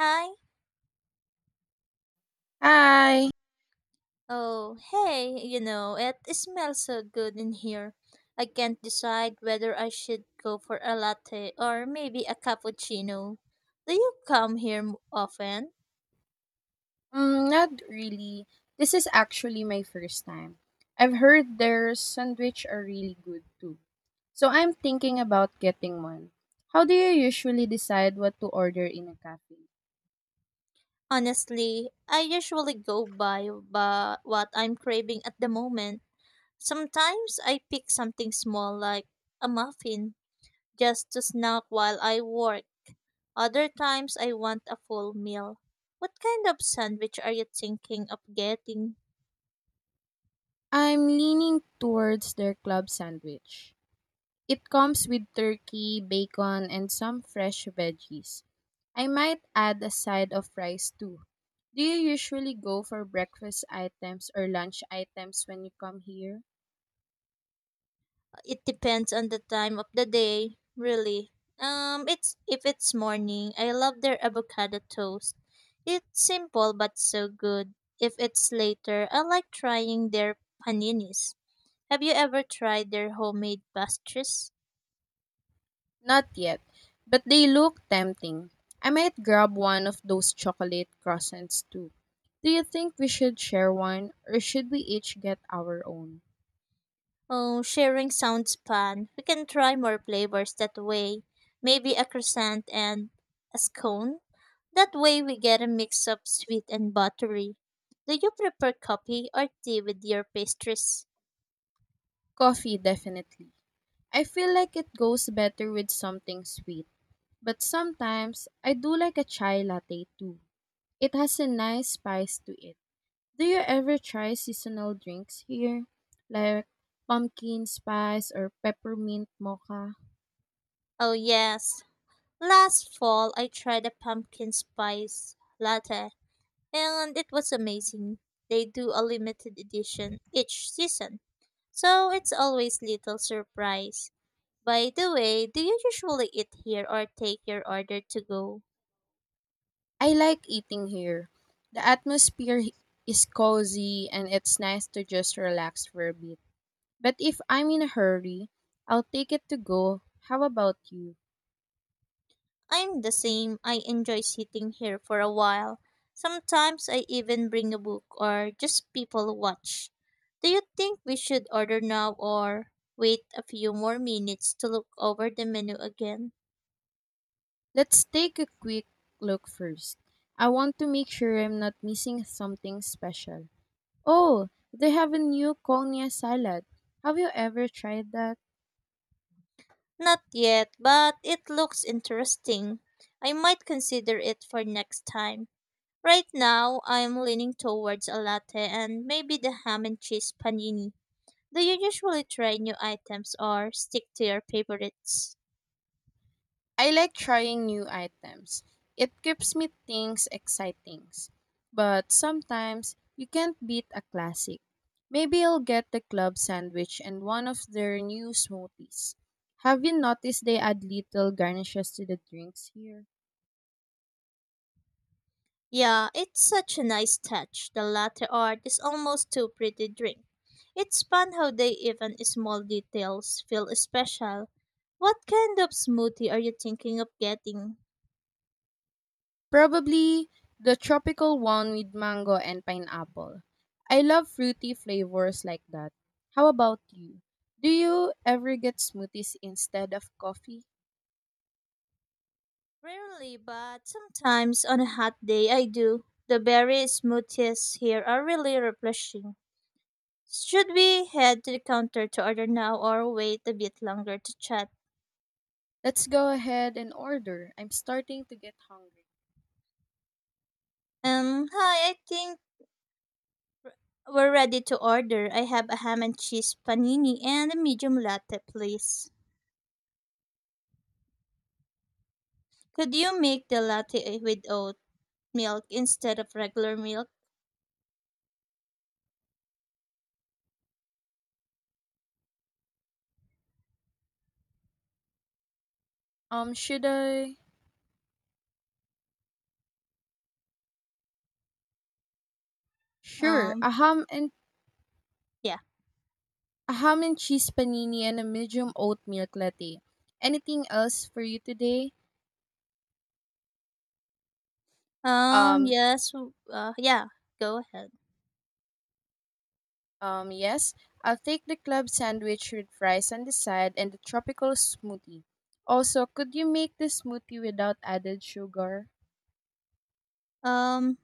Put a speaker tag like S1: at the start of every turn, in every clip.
S1: Hi.
S2: Hi.
S1: Oh, hey, you know, it smells so good in here. I can't decide whether I should go for a latte or maybe a cappuccino. Do you come here often?
S2: Not really. This is actually my first time. I've heard their sandwich are really good too. So I'm thinking about getting one. How do you usually decide what to order in a cafe?
S1: Honestly, I usually go by what I'm craving at the moment. Sometimes I pick something small like a muffin just to snack while I work. Other times I want a full meal. What kind of sandwich are you thinking of getting?
S2: I'm leaning towards their club sandwich. It comes with turkey, bacon, and some fresh veggies. I might add a side of rice too. Do you usually go for breakfast items or lunch items when you come here?
S1: It depends on the time of the day, really. It's If it's morning, I love their avocado toast. It's simple but so good. If it's later, I like trying their paninis. Have you ever tried their homemade pastries?
S2: Not yet, but they look tempting. I might grab one of those chocolate croissants too. Do you think we should share one or should we each get our own?
S1: Oh, sharing sounds fun. We can try more flavors that way. Maybe a croissant and a scone. That way we get a mix of sweet and buttery. Do you prefer coffee or tea with your pastries?
S2: Coffee, definitely. I feel like it goes better with something sweet, but sometimes I do like a chai latte too. It has a nice spice to it. Do you ever try seasonal drinks here? Like pumpkin spice or peppermint mocha?
S1: Oh, yes. Last fall, I tried a pumpkin spice latte, and it was amazing. They do a limited edition each season, so it's always little surprise. By the way, do you usually eat here or take your order to go?
S2: I like eating here. The atmosphere is cozy and it's nice to just relax for a bit. But if I'm in a hurry, I'll take it to go. How about you?
S1: I'm the same. I enjoy sitting here for a while. Sometimes I even bring a book or just people watch. Do you think we should order now or wait a few more minutes to look over the menu again?
S2: Let's take a quick look first. I want to make sure I'm not missing something special. Oh, they have a new Konya salad. Have you ever tried that?
S1: Not yet, but it looks interesting. I might consider it for next time. Right now, I'm leaning towards a latte and maybe the ham and cheese panini. Do you usually try new items or stick to your favorites?
S2: I like trying new items. It keeps me things exciting. But sometimes you can't beat a classic. Maybe I'll get the club sandwich and one of their new smoothies. Have you noticed they add little garnishes to the drinks here?
S1: Yeah, it's such a nice touch. The latte art is almost too pretty to drink. It's fun how they even small details feel special. What kind of smoothie are you thinking of getting?
S2: Probably the tropical one with mango and pineapple. I love fruity flavors like that. How about you? Do you ever get smoothies instead of coffee?
S1: Rarely, but sometimes on a hot day I do. The berry smoothies here are really refreshing. Should we head to the counter to order now or wait a bit longer to chat?
S2: Let's go ahead and order. I'm starting to get hungry.
S1: Hi, I think we're ready to order. I have a ham and cheese panini and a medium latte, please. Could you make the latte with oat milk instead of regular milk?
S2: Should I? Sure.
S1: Um, yeah.
S2: A ham and cheese panini and a medium oat milk latte. Anything else for you today? Um,
S1: Yes. Yeah. Go ahead.
S2: yes. I'll take the club sandwich with fries on the side and the tropical smoothie. Also, could you make the smoothie without added sugar?
S1: Um,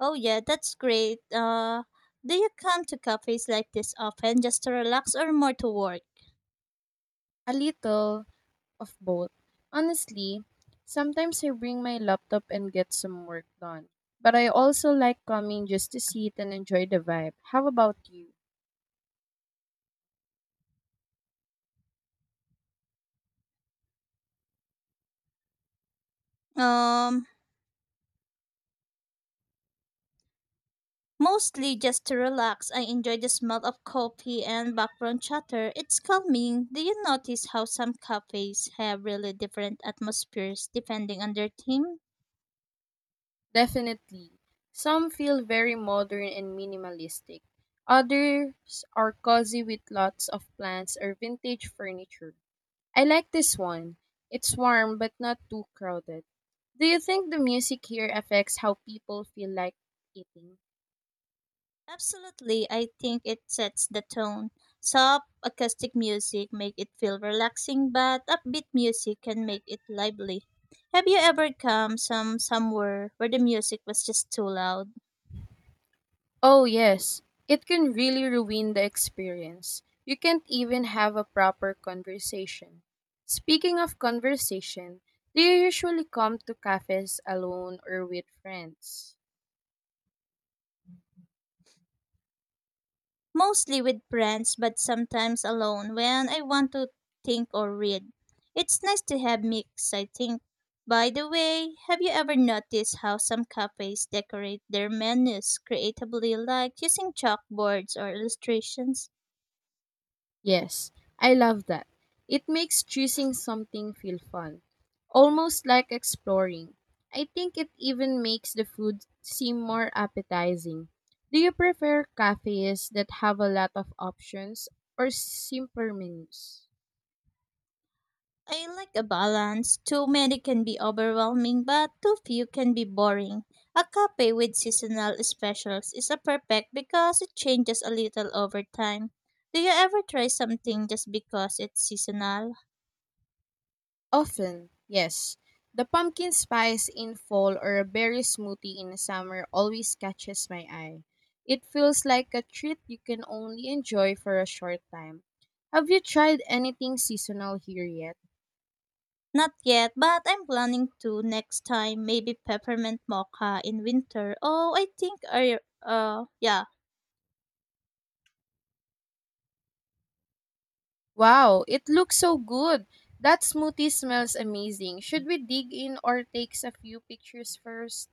S1: oh yeah, that's great. Do you come to cafes like this often just to relax or more to work?
S2: A little of both. Honestly, sometimes I bring my laptop and get some work done. But I also like coming just to sit and enjoy the vibe. How about you?
S1: Um, Mostly just to relax, I enjoy the smell of coffee and background chatter. It's calming. Do you notice how some cafes have really different atmospheres depending on their theme?
S2: Definitely. Some feel very modern and minimalistic. Others are cozy with lots of plants or vintage furniture. I like this one. It's warm but not too crowded. Do you think the music here affects how people feel like eating?
S1: Absolutely. I think it sets the tone. Soft, acoustic music make it feel relaxing, but upbeat music can make it lively. Have you ever come somewhere where the music was just too loud?
S2: Oh, yes. It can really ruin the experience. You can't even have a proper conversation. Speaking of conversation, do you usually come to cafes alone or with friends?
S1: Mostly with friends, but sometimes alone when I want to think or read. It's nice to have mix, I think. By the way, have you ever noticed how some cafes decorate their menus creatively, like using chalkboards or illustrations?
S2: Yes, I love that. It makes choosing something feel fun, almost like exploring. I think it even makes the food seem more appetizing. Do you prefer cafes that have a lot of options or simpler menus?
S1: I like a balance. Too many can be overwhelming, but too few can be boring. A cafe with seasonal specials is a perfect because it changes a little over time. Do you ever try something just because it's seasonal?
S2: Often, yes. The pumpkin spice in fall or a berry smoothie in summer always catches my eye. It feels like a treat you can only enjoy for a short time. Have you tried anything seasonal here yet?
S1: Not yet, but I'm planning to next time. Maybe peppermint mocha in winter. Oh, I think I yeah,
S2: Wow, it looks so good. That smoothie smells amazing. Should we dig in or takes a few pictures first?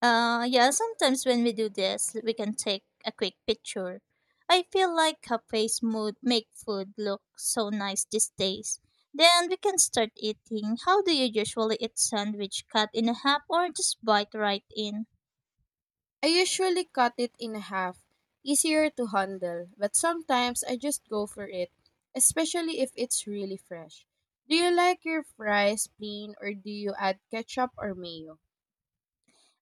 S1: Yeah, sometimes when we do this, we can take a quick picture. I feel like cafes mood make food look so nice these days. Then we can start eating. How do you usually eat sandwich cut in half or just bite right in?
S2: I usually cut it in half, easier to handle, but sometimes I just go for it, especially if it's really fresh. Do you like your fries plain or do you add ketchup or mayo?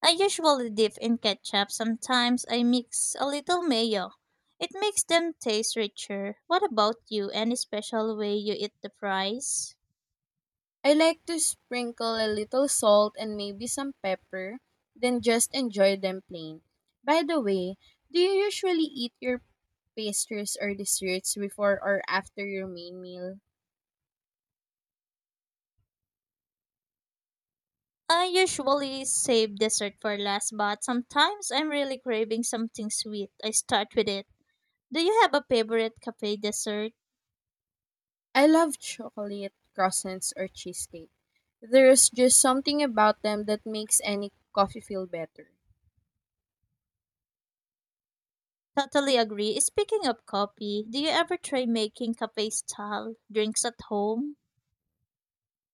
S1: I usually dip in ketchup. Sometimes I mix a little mayo. It makes them taste richer. What about you? Any special way you eat the fries?
S2: I like to sprinkle a little salt and maybe some pepper, then just enjoy them plain. By the way, do you usually eat your pastries or desserts before or after your main meal?
S1: I usually save dessert for last, but sometimes I'm really craving something sweet. I start with it. Do you have a favorite cafe dessert?
S2: I love chocolate croissants or cheesecake. There's just something about them that makes any coffee feel better.
S1: Totally agree. Speaking of coffee, do you ever try making cafe style drinks at home?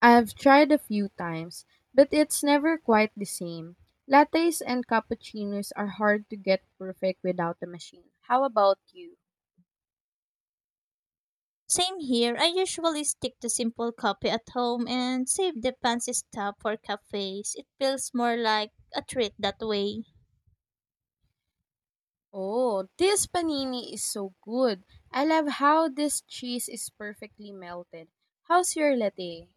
S2: I've tried a few times, but it's never quite the same. Lattes and cappuccinos are hard to get perfect without a machine. How about you?
S1: Same here. I usually stick to simple coffee at home and save the fancy stuff for cafes. It feels more like a treat that way.
S2: Oh, this panini is so good. I love how this cheese is perfectly melted. How's your latte?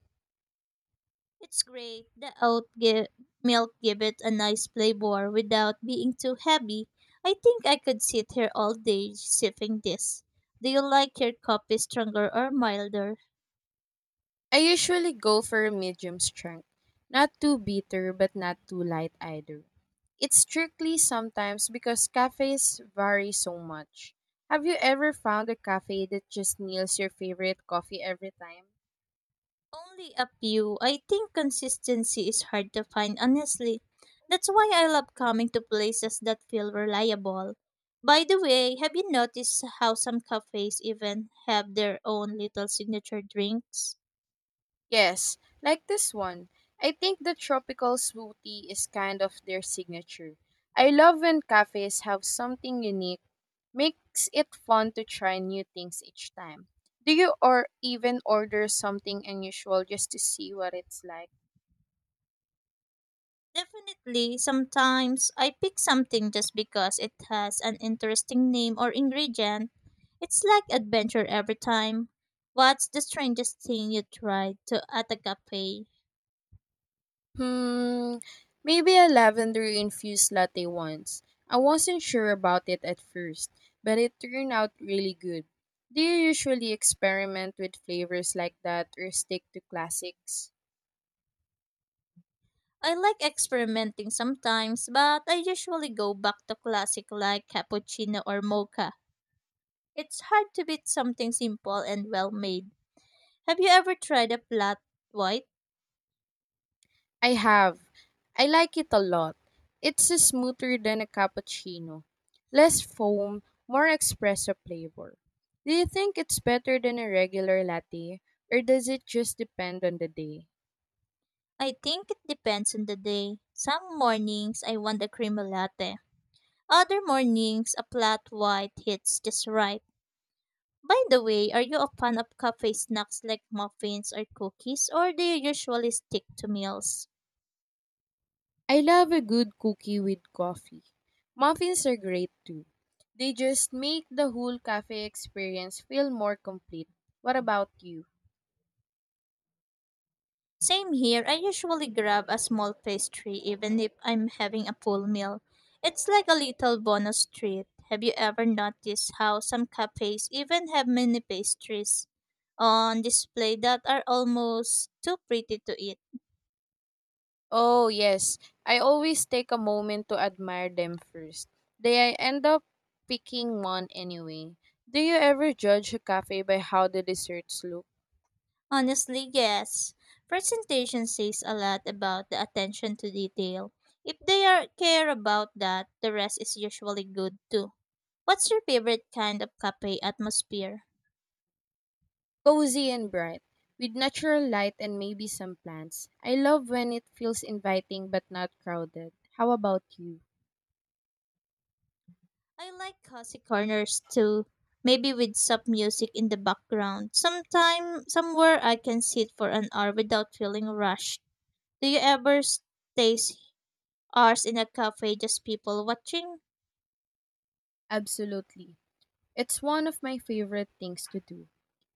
S1: It's great. The milk give it a nice flavor without being too heavy. I think I could sit here all day sipping this. Do you like your coffee stronger or milder?
S2: I usually go for a medium strength. Not too bitter, but not too light either. It's tricky sometimes because cafes vary so much. Have you ever found a cafe that just nails your favorite coffee every time?
S1: Only a few. I think consistency is hard to find, honestly. That's why I love coming to places that feel reliable. By the way, have you noticed how some cafes even have their own little signature drinks?
S2: Yes, like this one. I think the tropical smoothie is kind of their signature. I love when cafes have something unique. Makes it fun to try new things each time. Do you or even order something unusual just to see what it's like?
S1: Definitely, sometimes I pick something just because it has an interesting name or ingredient. It's like adventure every time. What's the strangest thing you tried to at a cafe?
S2: Hmm, Maybe a lavender infused latte once. I wasn't sure about it at first, but it turned out really good. Do you usually experiment with flavors like that or stick to classics?
S1: I like experimenting sometimes, but I usually go back to classic like cappuccino or mocha. It's hard to beat something simple and well made. Have you ever tried a flat white?
S2: I have. I like it a lot. It's smoother than a cappuccino. Less foam, more espresso flavor. Do you think it's better than a regular latte, or does it just depend on the day?
S1: I think it depends on the day. Some mornings I want a creamy latte. Other mornings, a flat white hits just right. By the way, are you a fan of cafe snacks like muffins or cookies, or do you usually stick to meals?
S2: I love a good cookie with coffee. Muffins are great too. They just make the whole cafe experience feel more complete. What about you?
S1: Same here, I usually grab a small pastry even if I'm having a full meal. It's like a little bonus treat. Have you ever noticed how some cafes even have mini pastries on display that are almost too pretty to eat?
S2: Oh, yes. I always take a moment to admire them first. Then I end up picking one anyway. Do you ever judge a cafe by how the desserts look?
S1: Honestly, yes. Presentation says a lot about the attention to detail. If they are care about that, the rest is usually good too. What's your favorite kind of cafe atmosphere?
S2: Cozy and bright, with natural light and maybe some plants. I love when it feels inviting but not crowded. How about you?
S1: I like cozy corners too, maybe with soft music in the background. Sometime Somewhere I can sit for an hour without feeling rushed. Do you ever stay hours in a cafe just people watching?
S2: Absolutely. It's one of my favorite things to do.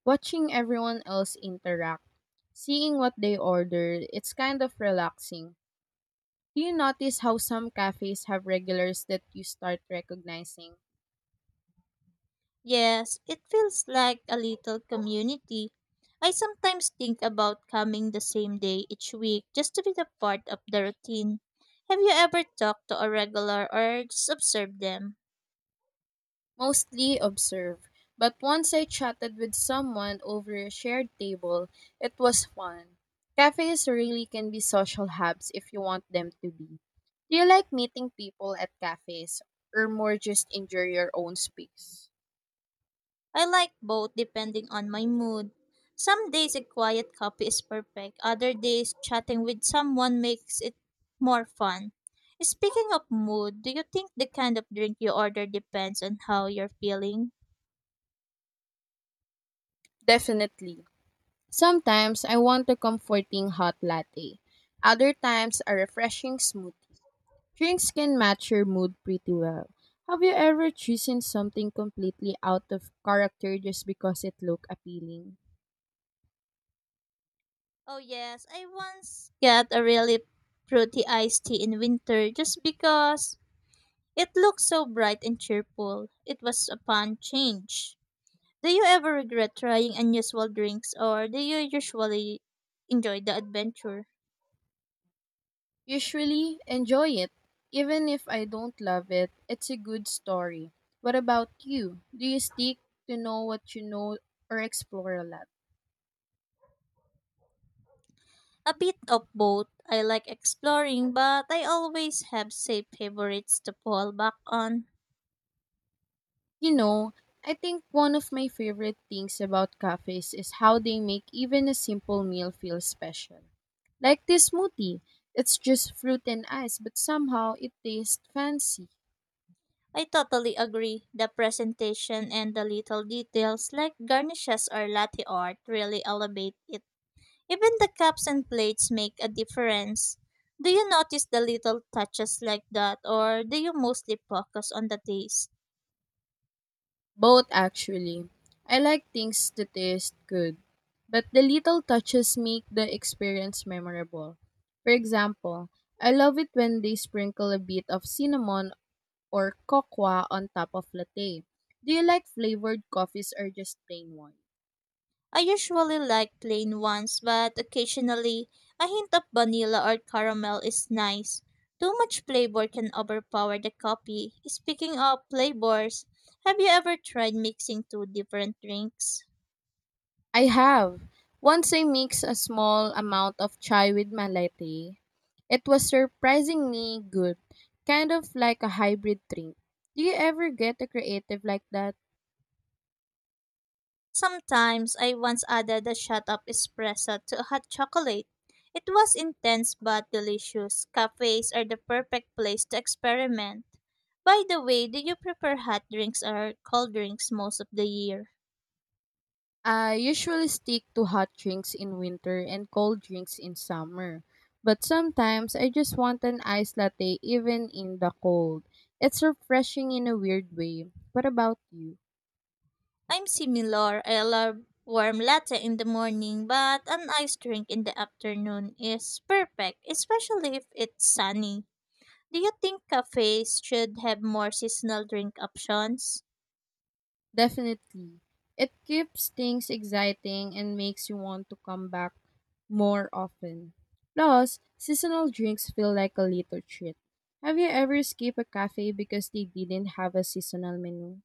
S2: Watching everyone else interact, seeing what they order, it's kind of relaxing. Do you notice how some cafes have regulars that you start recognizing?
S1: Yes, it feels like a little community. I sometimes think about coming the same day each week just to be the part of the routine. Have you ever talked to a regular or just observed them?
S2: Mostly observe. But once I chatted with someone over a shared table, it was fun. Cafes really can be social hubs if you want them to be. Do you like meeting people at cafes or more just enjoy your own space?
S1: I like both depending on my mood. Some days a quiet coffee is perfect, other days chatting with someone makes it more fun. Speaking of mood, do you think the kind of drink you order depends on how you're feeling?
S2: Definitely. Sometimes I want a comforting hot latte. Other times a refreshing smoothie. Drinks can match your mood pretty well. Have you ever chosen something completely out of character just because it looked appealing?
S1: Oh yes, I once got a really fruity iced tea in winter just because it looked so bright and cheerful. It was a fun change. Do you ever regret trying unusual drinks or do you usually enjoy the adventure?
S2: Usually, enjoy it. Even if I don't love it, it's a good story. What about you? Do you stick to know what you know or explore a lot?
S1: A bit of both. I like exploring, but I always have safe favorites to fall back on.
S2: You know, I think one of my favorite things about cafes is how they make even a simple meal feel special. Like this smoothie, it's just fruit and ice, but somehow it tastes fancy.
S1: I totally agree. The presentation and the little details like garnishes or latte art really elevate it. Even the cups and plates make a difference. Do you notice the little touches like that, or do you mostly focus on the taste?
S2: Both actually. I like things that taste good, but the little touches make the experience memorable. For example, I love it when they sprinkle a bit of cinnamon or cocoa on top of latte. Do you like flavored coffees or just plain ones?
S1: I usually like plain ones, but occasionally a hint of vanilla or caramel is nice. Too much flavor can overpower the coffee. Speaking of flavors, have you ever tried mixing two different drinks?
S2: I have. Once I mixed a small amount of chai with my latte, it was surprisingly good, kind of like a hybrid drink. Do you ever get a creative like that?
S1: Sometimes I once added a shot of espresso to a hot chocolate. It was intense but delicious. Cafes are the perfect place to experiment. By the way, do you prefer hot drinks or cold drinks most of the year?
S2: I usually stick to hot drinks in winter and cold drinks in summer, but sometimes I just want an iced latte even in the cold. It's refreshing in a weird way. What about you?
S1: I'm similar. I love warm latte in the morning, but an iced drink in the afternoon is perfect, especially if it's sunny. Do you think cafes should have more seasonal drink options?
S2: Definitely. It keeps things exciting and makes you want to come back more often. Plus, seasonal drinks feel like a little treat. Have you ever skipped a cafe because they didn't have a seasonal menu?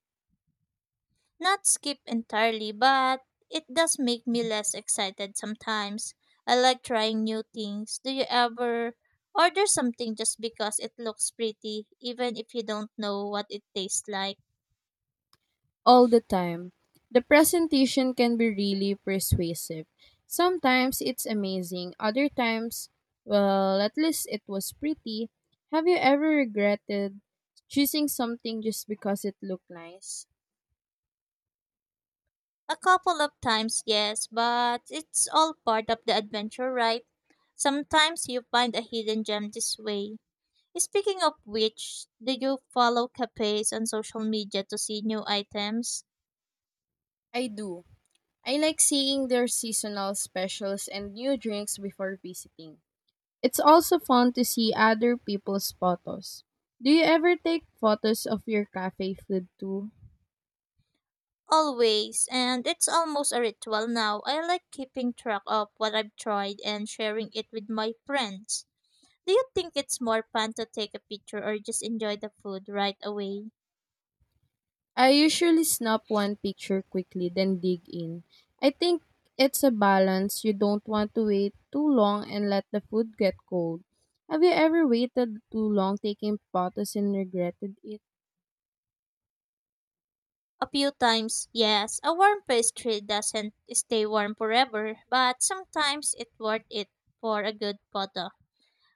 S1: Not skip entirely, but it does make me less excited sometimes. I like trying new things. Do you ever order something just because it looks pretty, even if you don't know what it tastes like?
S2: All the time. The presentation can be really persuasive. Sometimes it's amazing, other times, well, at least it was pretty. Have you ever regretted choosing something just because it looked nice?
S1: A couple of times, yes, but it's all part of the adventure, right? Sometimes you find a hidden gem this way. Speaking of which, do you follow cafes on social media to see new items?
S2: I do. I like seeing their seasonal specials and new drinks before visiting. It's also fun to see other people's photos. Do you ever take photos of your cafe food too?
S1: Always, and it's almost a ritual now. I like keeping track of what I've tried and sharing it with my friends. Do you think it's more fun to take a picture or just enjoy the food right away?
S2: I usually snap one picture quickly, then dig in. I think it's a balance. You don't want to wait too long and let the food get cold. Have you ever waited too long taking photos and regretted it?
S1: A few times, yes, a warm pastry doesn't stay warm forever, but sometimes it's worth it for a good photo.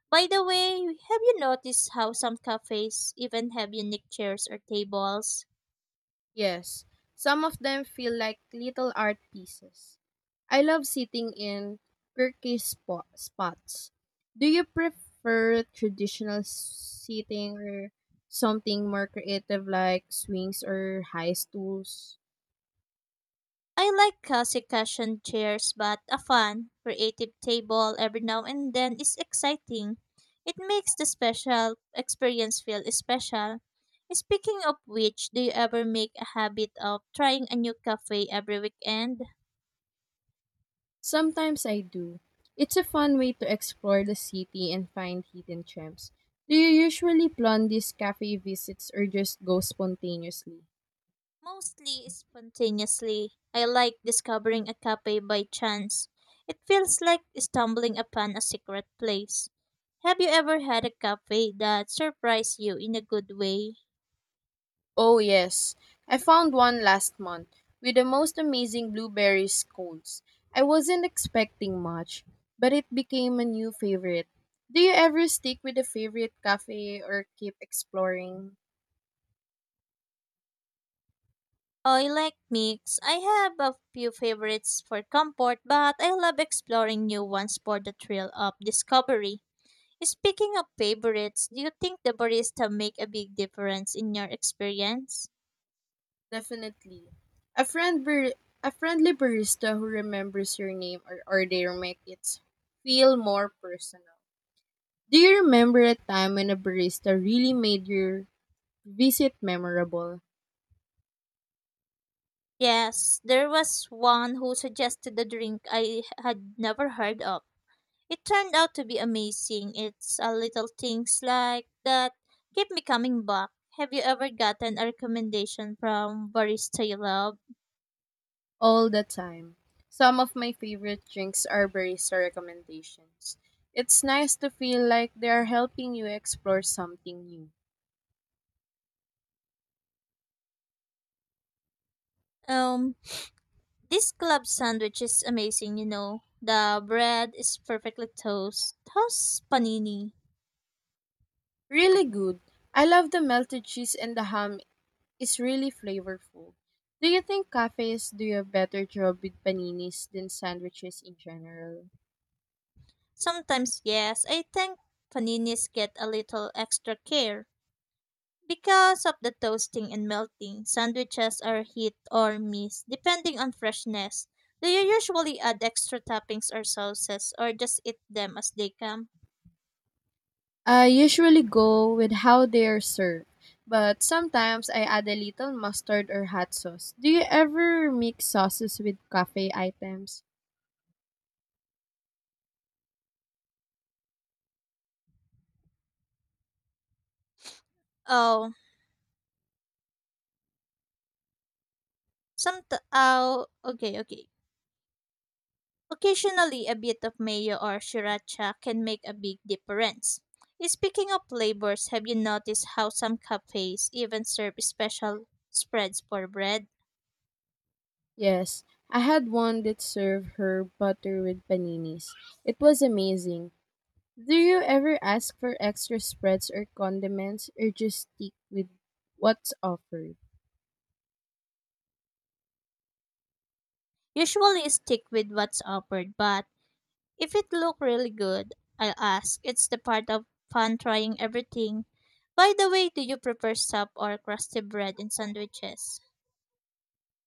S1: By the way, have you noticed how some cafes even have unique chairs or tables?
S2: Yes, some of them feel like little art pieces. I love sitting in quirky spots. Do you prefer traditional seating or something more creative like swings or high stools?
S1: I like cozy cushion chairs, but a fun, creative table every now and then is exciting. It makes the special experience feel special. Speaking of which, do you ever make a habit of trying a new cafe every weekend?
S2: Sometimes I do. It's a fun way to explore the city and find hidden gems. Do you usually plan these cafe visits or just go spontaneously?
S1: Mostly spontaneously. I like discovering a cafe by chance. It feels like stumbling upon a secret place. Have you ever had a cafe that surprised you in a good way?
S2: Oh, yes. I found one last month with the most amazing blueberry scones. I wasn't expecting much, but it became a new favorite. Do you ever stick with a favorite cafe or keep exploring?
S1: I like mix. I have a few favorites for comfort, but I love exploring new ones for the thrill of discovery. Speaking of favorites, do you think the barista make a big difference in your experience?
S2: Definitely. A friendly barista who remembers your name or order make it feel more personal. Do you remember a time when a barista really made your visit memorable?
S1: Yes, there was one who suggested a drink I had never heard of. It turned out to be amazing. It's a little things like that keep me coming back. Have you ever gotten a recommendation from barista you love?
S2: All the time. Some of my favorite drinks are barista recommendations. It's nice to feel like they are helping you explore something new.
S1: Um, This club sandwich is amazing, you know. The bread is perfectly toast. How's panini?
S2: Really good. I love the melted cheese and the ham is really flavorful. Do you think cafes do a better job with paninis than sandwiches in general?
S1: Sometimes, yes, I think paninis get a little extra care. Because of the toasting and melting, sandwiches are hit or miss depending on freshness. Do you usually add extra toppings or sauces or just eat them as they come?
S2: I usually go with how they are served, but sometimes I add a little mustard or hot sauce. Do you ever mix sauces with cafe items?
S1: Oh, some. Oh, okay, okay. Occasionally, a bit of mayo or sriracha can make a big difference. Speaking of flavors, have you noticed how some cafes even serve special spreads for bread?
S2: Yes, I had one that served her butter with paninis. It was amazing. Do you ever ask for extra spreads or condiments or just stick with what's offered?
S1: Usually, stick with what's offered, but if it look really good, I'll ask. It's the part of fun trying everything. By the way, do you prefer soft or crusty bread in sandwiches?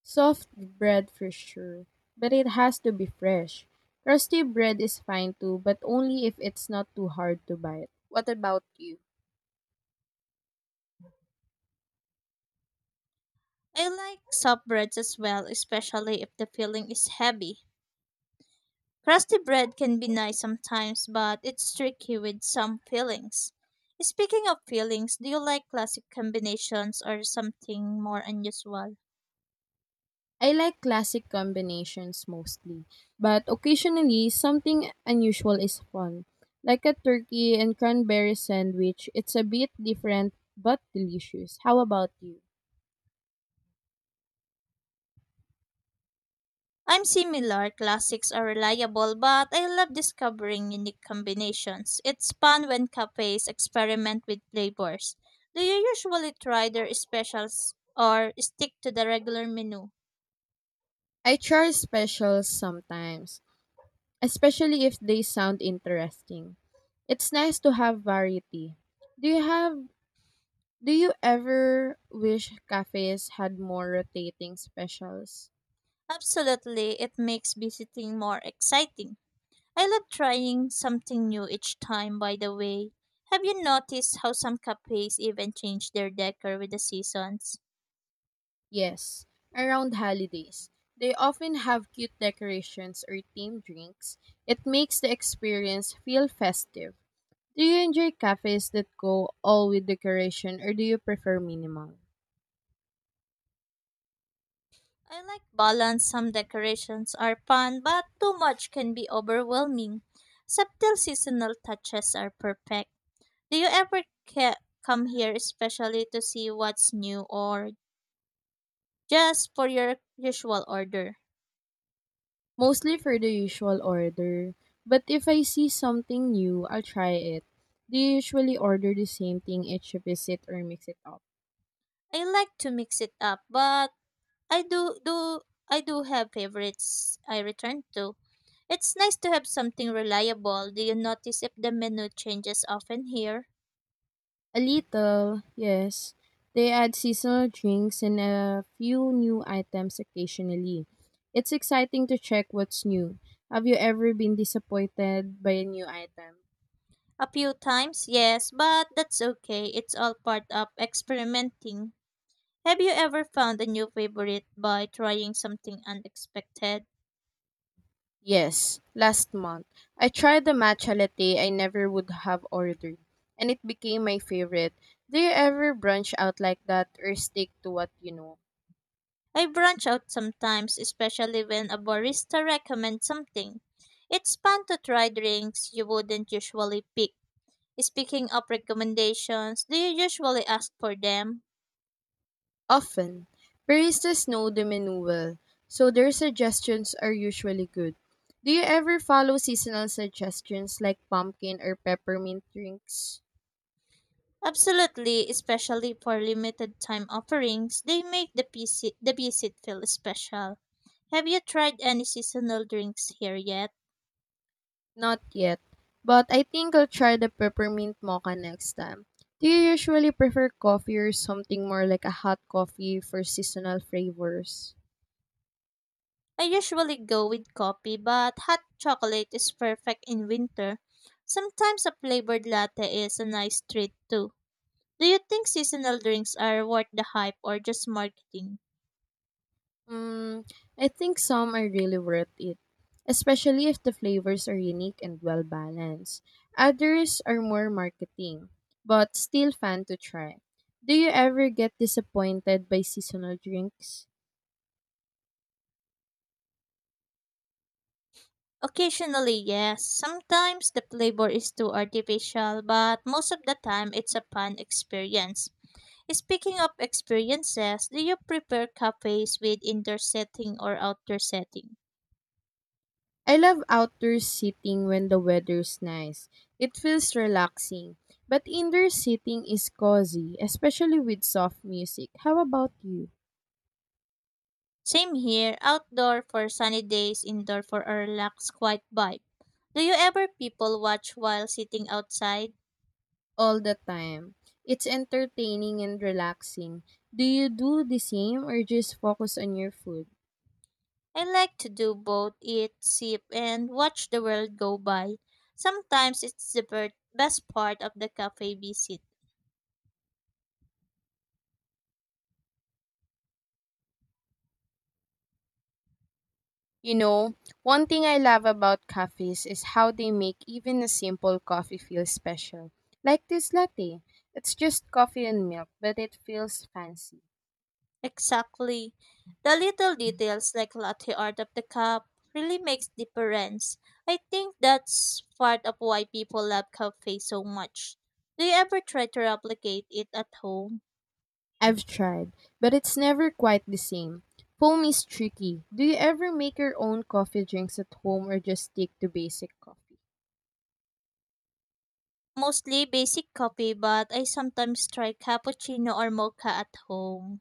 S2: Soft bread for sure, but it has to be fresh. Crusty bread is fine too, but only if it's not too hard to bite. What about you?
S1: I like soft breads as well, especially if the filling is heavy. Crusty bread can be nice sometimes, but it's tricky with some fillings. Speaking of fillings, do you like classic combinations or something more unusual?
S2: I like classic combinations mostly, but occasionally something unusual is fun. Like a turkey and cranberry sandwich, it's a bit different but delicious. How about you?
S1: I'm similar. Classics are reliable, but I love discovering unique combinations. It's fun when cafes experiment with flavors. Do you usually try their specials or stick to the regular menu?
S2: I try specials sometimes, especially if they sound interesting. It's nice to have variety. Do you have do you ever wish cafes had more rotating specials?
S1: Absolutely, it makes visiting more exciting. I love trying something new each time, by the way. Have you noticed how some cafes even change their decor with the seasons?
S2: Yes, around holidays. They often have cute decorations or themed drinks. It makes the experience feel festive. Do you enjoy cafes that go all with decoration or do you prefer minimal?
S1: I like balance. Some decorations are fun, but too much can be overwhelming. Subtle seasonal touches are perfect. Do you ever come here especially to see what's new or just for your usual order?
S2: Mostly for the usual order, but if I see something new, I'll try it. Do you usually order the same thing each visit or mix it up?
S1: I like to mix it up, but I do do I do have favorites I return to. It's nice to have something reliable. Do you notice if the menu changes often here?
S2: A little, yes. They add seasonal drinks and a few new items occasionally. It's exciting to check what's new. Have you ever been disappointed by a new item?
S1: A few times, yes, but that's okay. It's all part of experimenting. Have you ever found a new favorite by trying something unexpected?
S2: Yes, last month. I tried the matcha latte I never would have ordered, and it became my favorite. Do you ever branch out like that or stick to what you know?
S1: I branch out sometimes, especially when a barista recommends something. It's fun to try drinks you wouldn't usually pick. Speaking of recommendations, do you usually ask for them?
S2: Often, baristas know the menu well, so their suggestions are usually good. Do you ever follow seasonal suggestions like pumpkin or peppermint drinks?
S1: Absolutely, especially for limited time offerings, the visit feel special. Have you tried any seasonal drinks here yet?
S2: Not yet, but I think I'll try the peppermint mocha next time. Do you usually prefer coffee or something more like a hot coffee for seasonal flavors?
S1: I usually go with coffee, but hot chocolate is perfect in winter. Sometimes a flavored latte is a nice treat too. Do you think seasonal drinks are worth the hype or just marketing?
S2: Mm, I think some are really worth it, especially if the flavors are unique and well balanced. Others are more marketing, but still fun to try. Do you ever get disappointed by seasonal drinks?
S1: Occasionally, yes. Sometimes the flavor is too artificial, but most of the time it's a fun experience. Speaking of experiences, do you prefer cafes with indoor setting or outdoor setting?
S2: I love outdoor seating when the weather's nice. It feels relaxing, but indoor seating is cozy, especially with soft music. How about you?
S1: Same here, outdoor for sunny days, indoor for a relaxed, quiet vibe. Do you ever people watch while sitting outside?
S2: All the time. It's entertaining and relaxing. Do you do the same or just focus on your food?
S1: I like to do both eat, sip, and watch the world go by. Sometimes it's the best part of the cafe visit.
S2: You know, one thing I love about cafes is how they make even a simple coffee feel special. Like this latte. It's just coffee and milk, but it feels fancy.
S1: Exactly. The little details like latte art of the cup really makes difference. I think that's part of why people love cafe so much. Do you ever try to replicate it at home?
S2: I've tried, but it's never quite the same. Foam is tricky. Do you ever make your own coffee drinks at home or just stick to basic coffee?
S1: Mostly basic coffee, but I sometimes try cappuccino or mocha at home.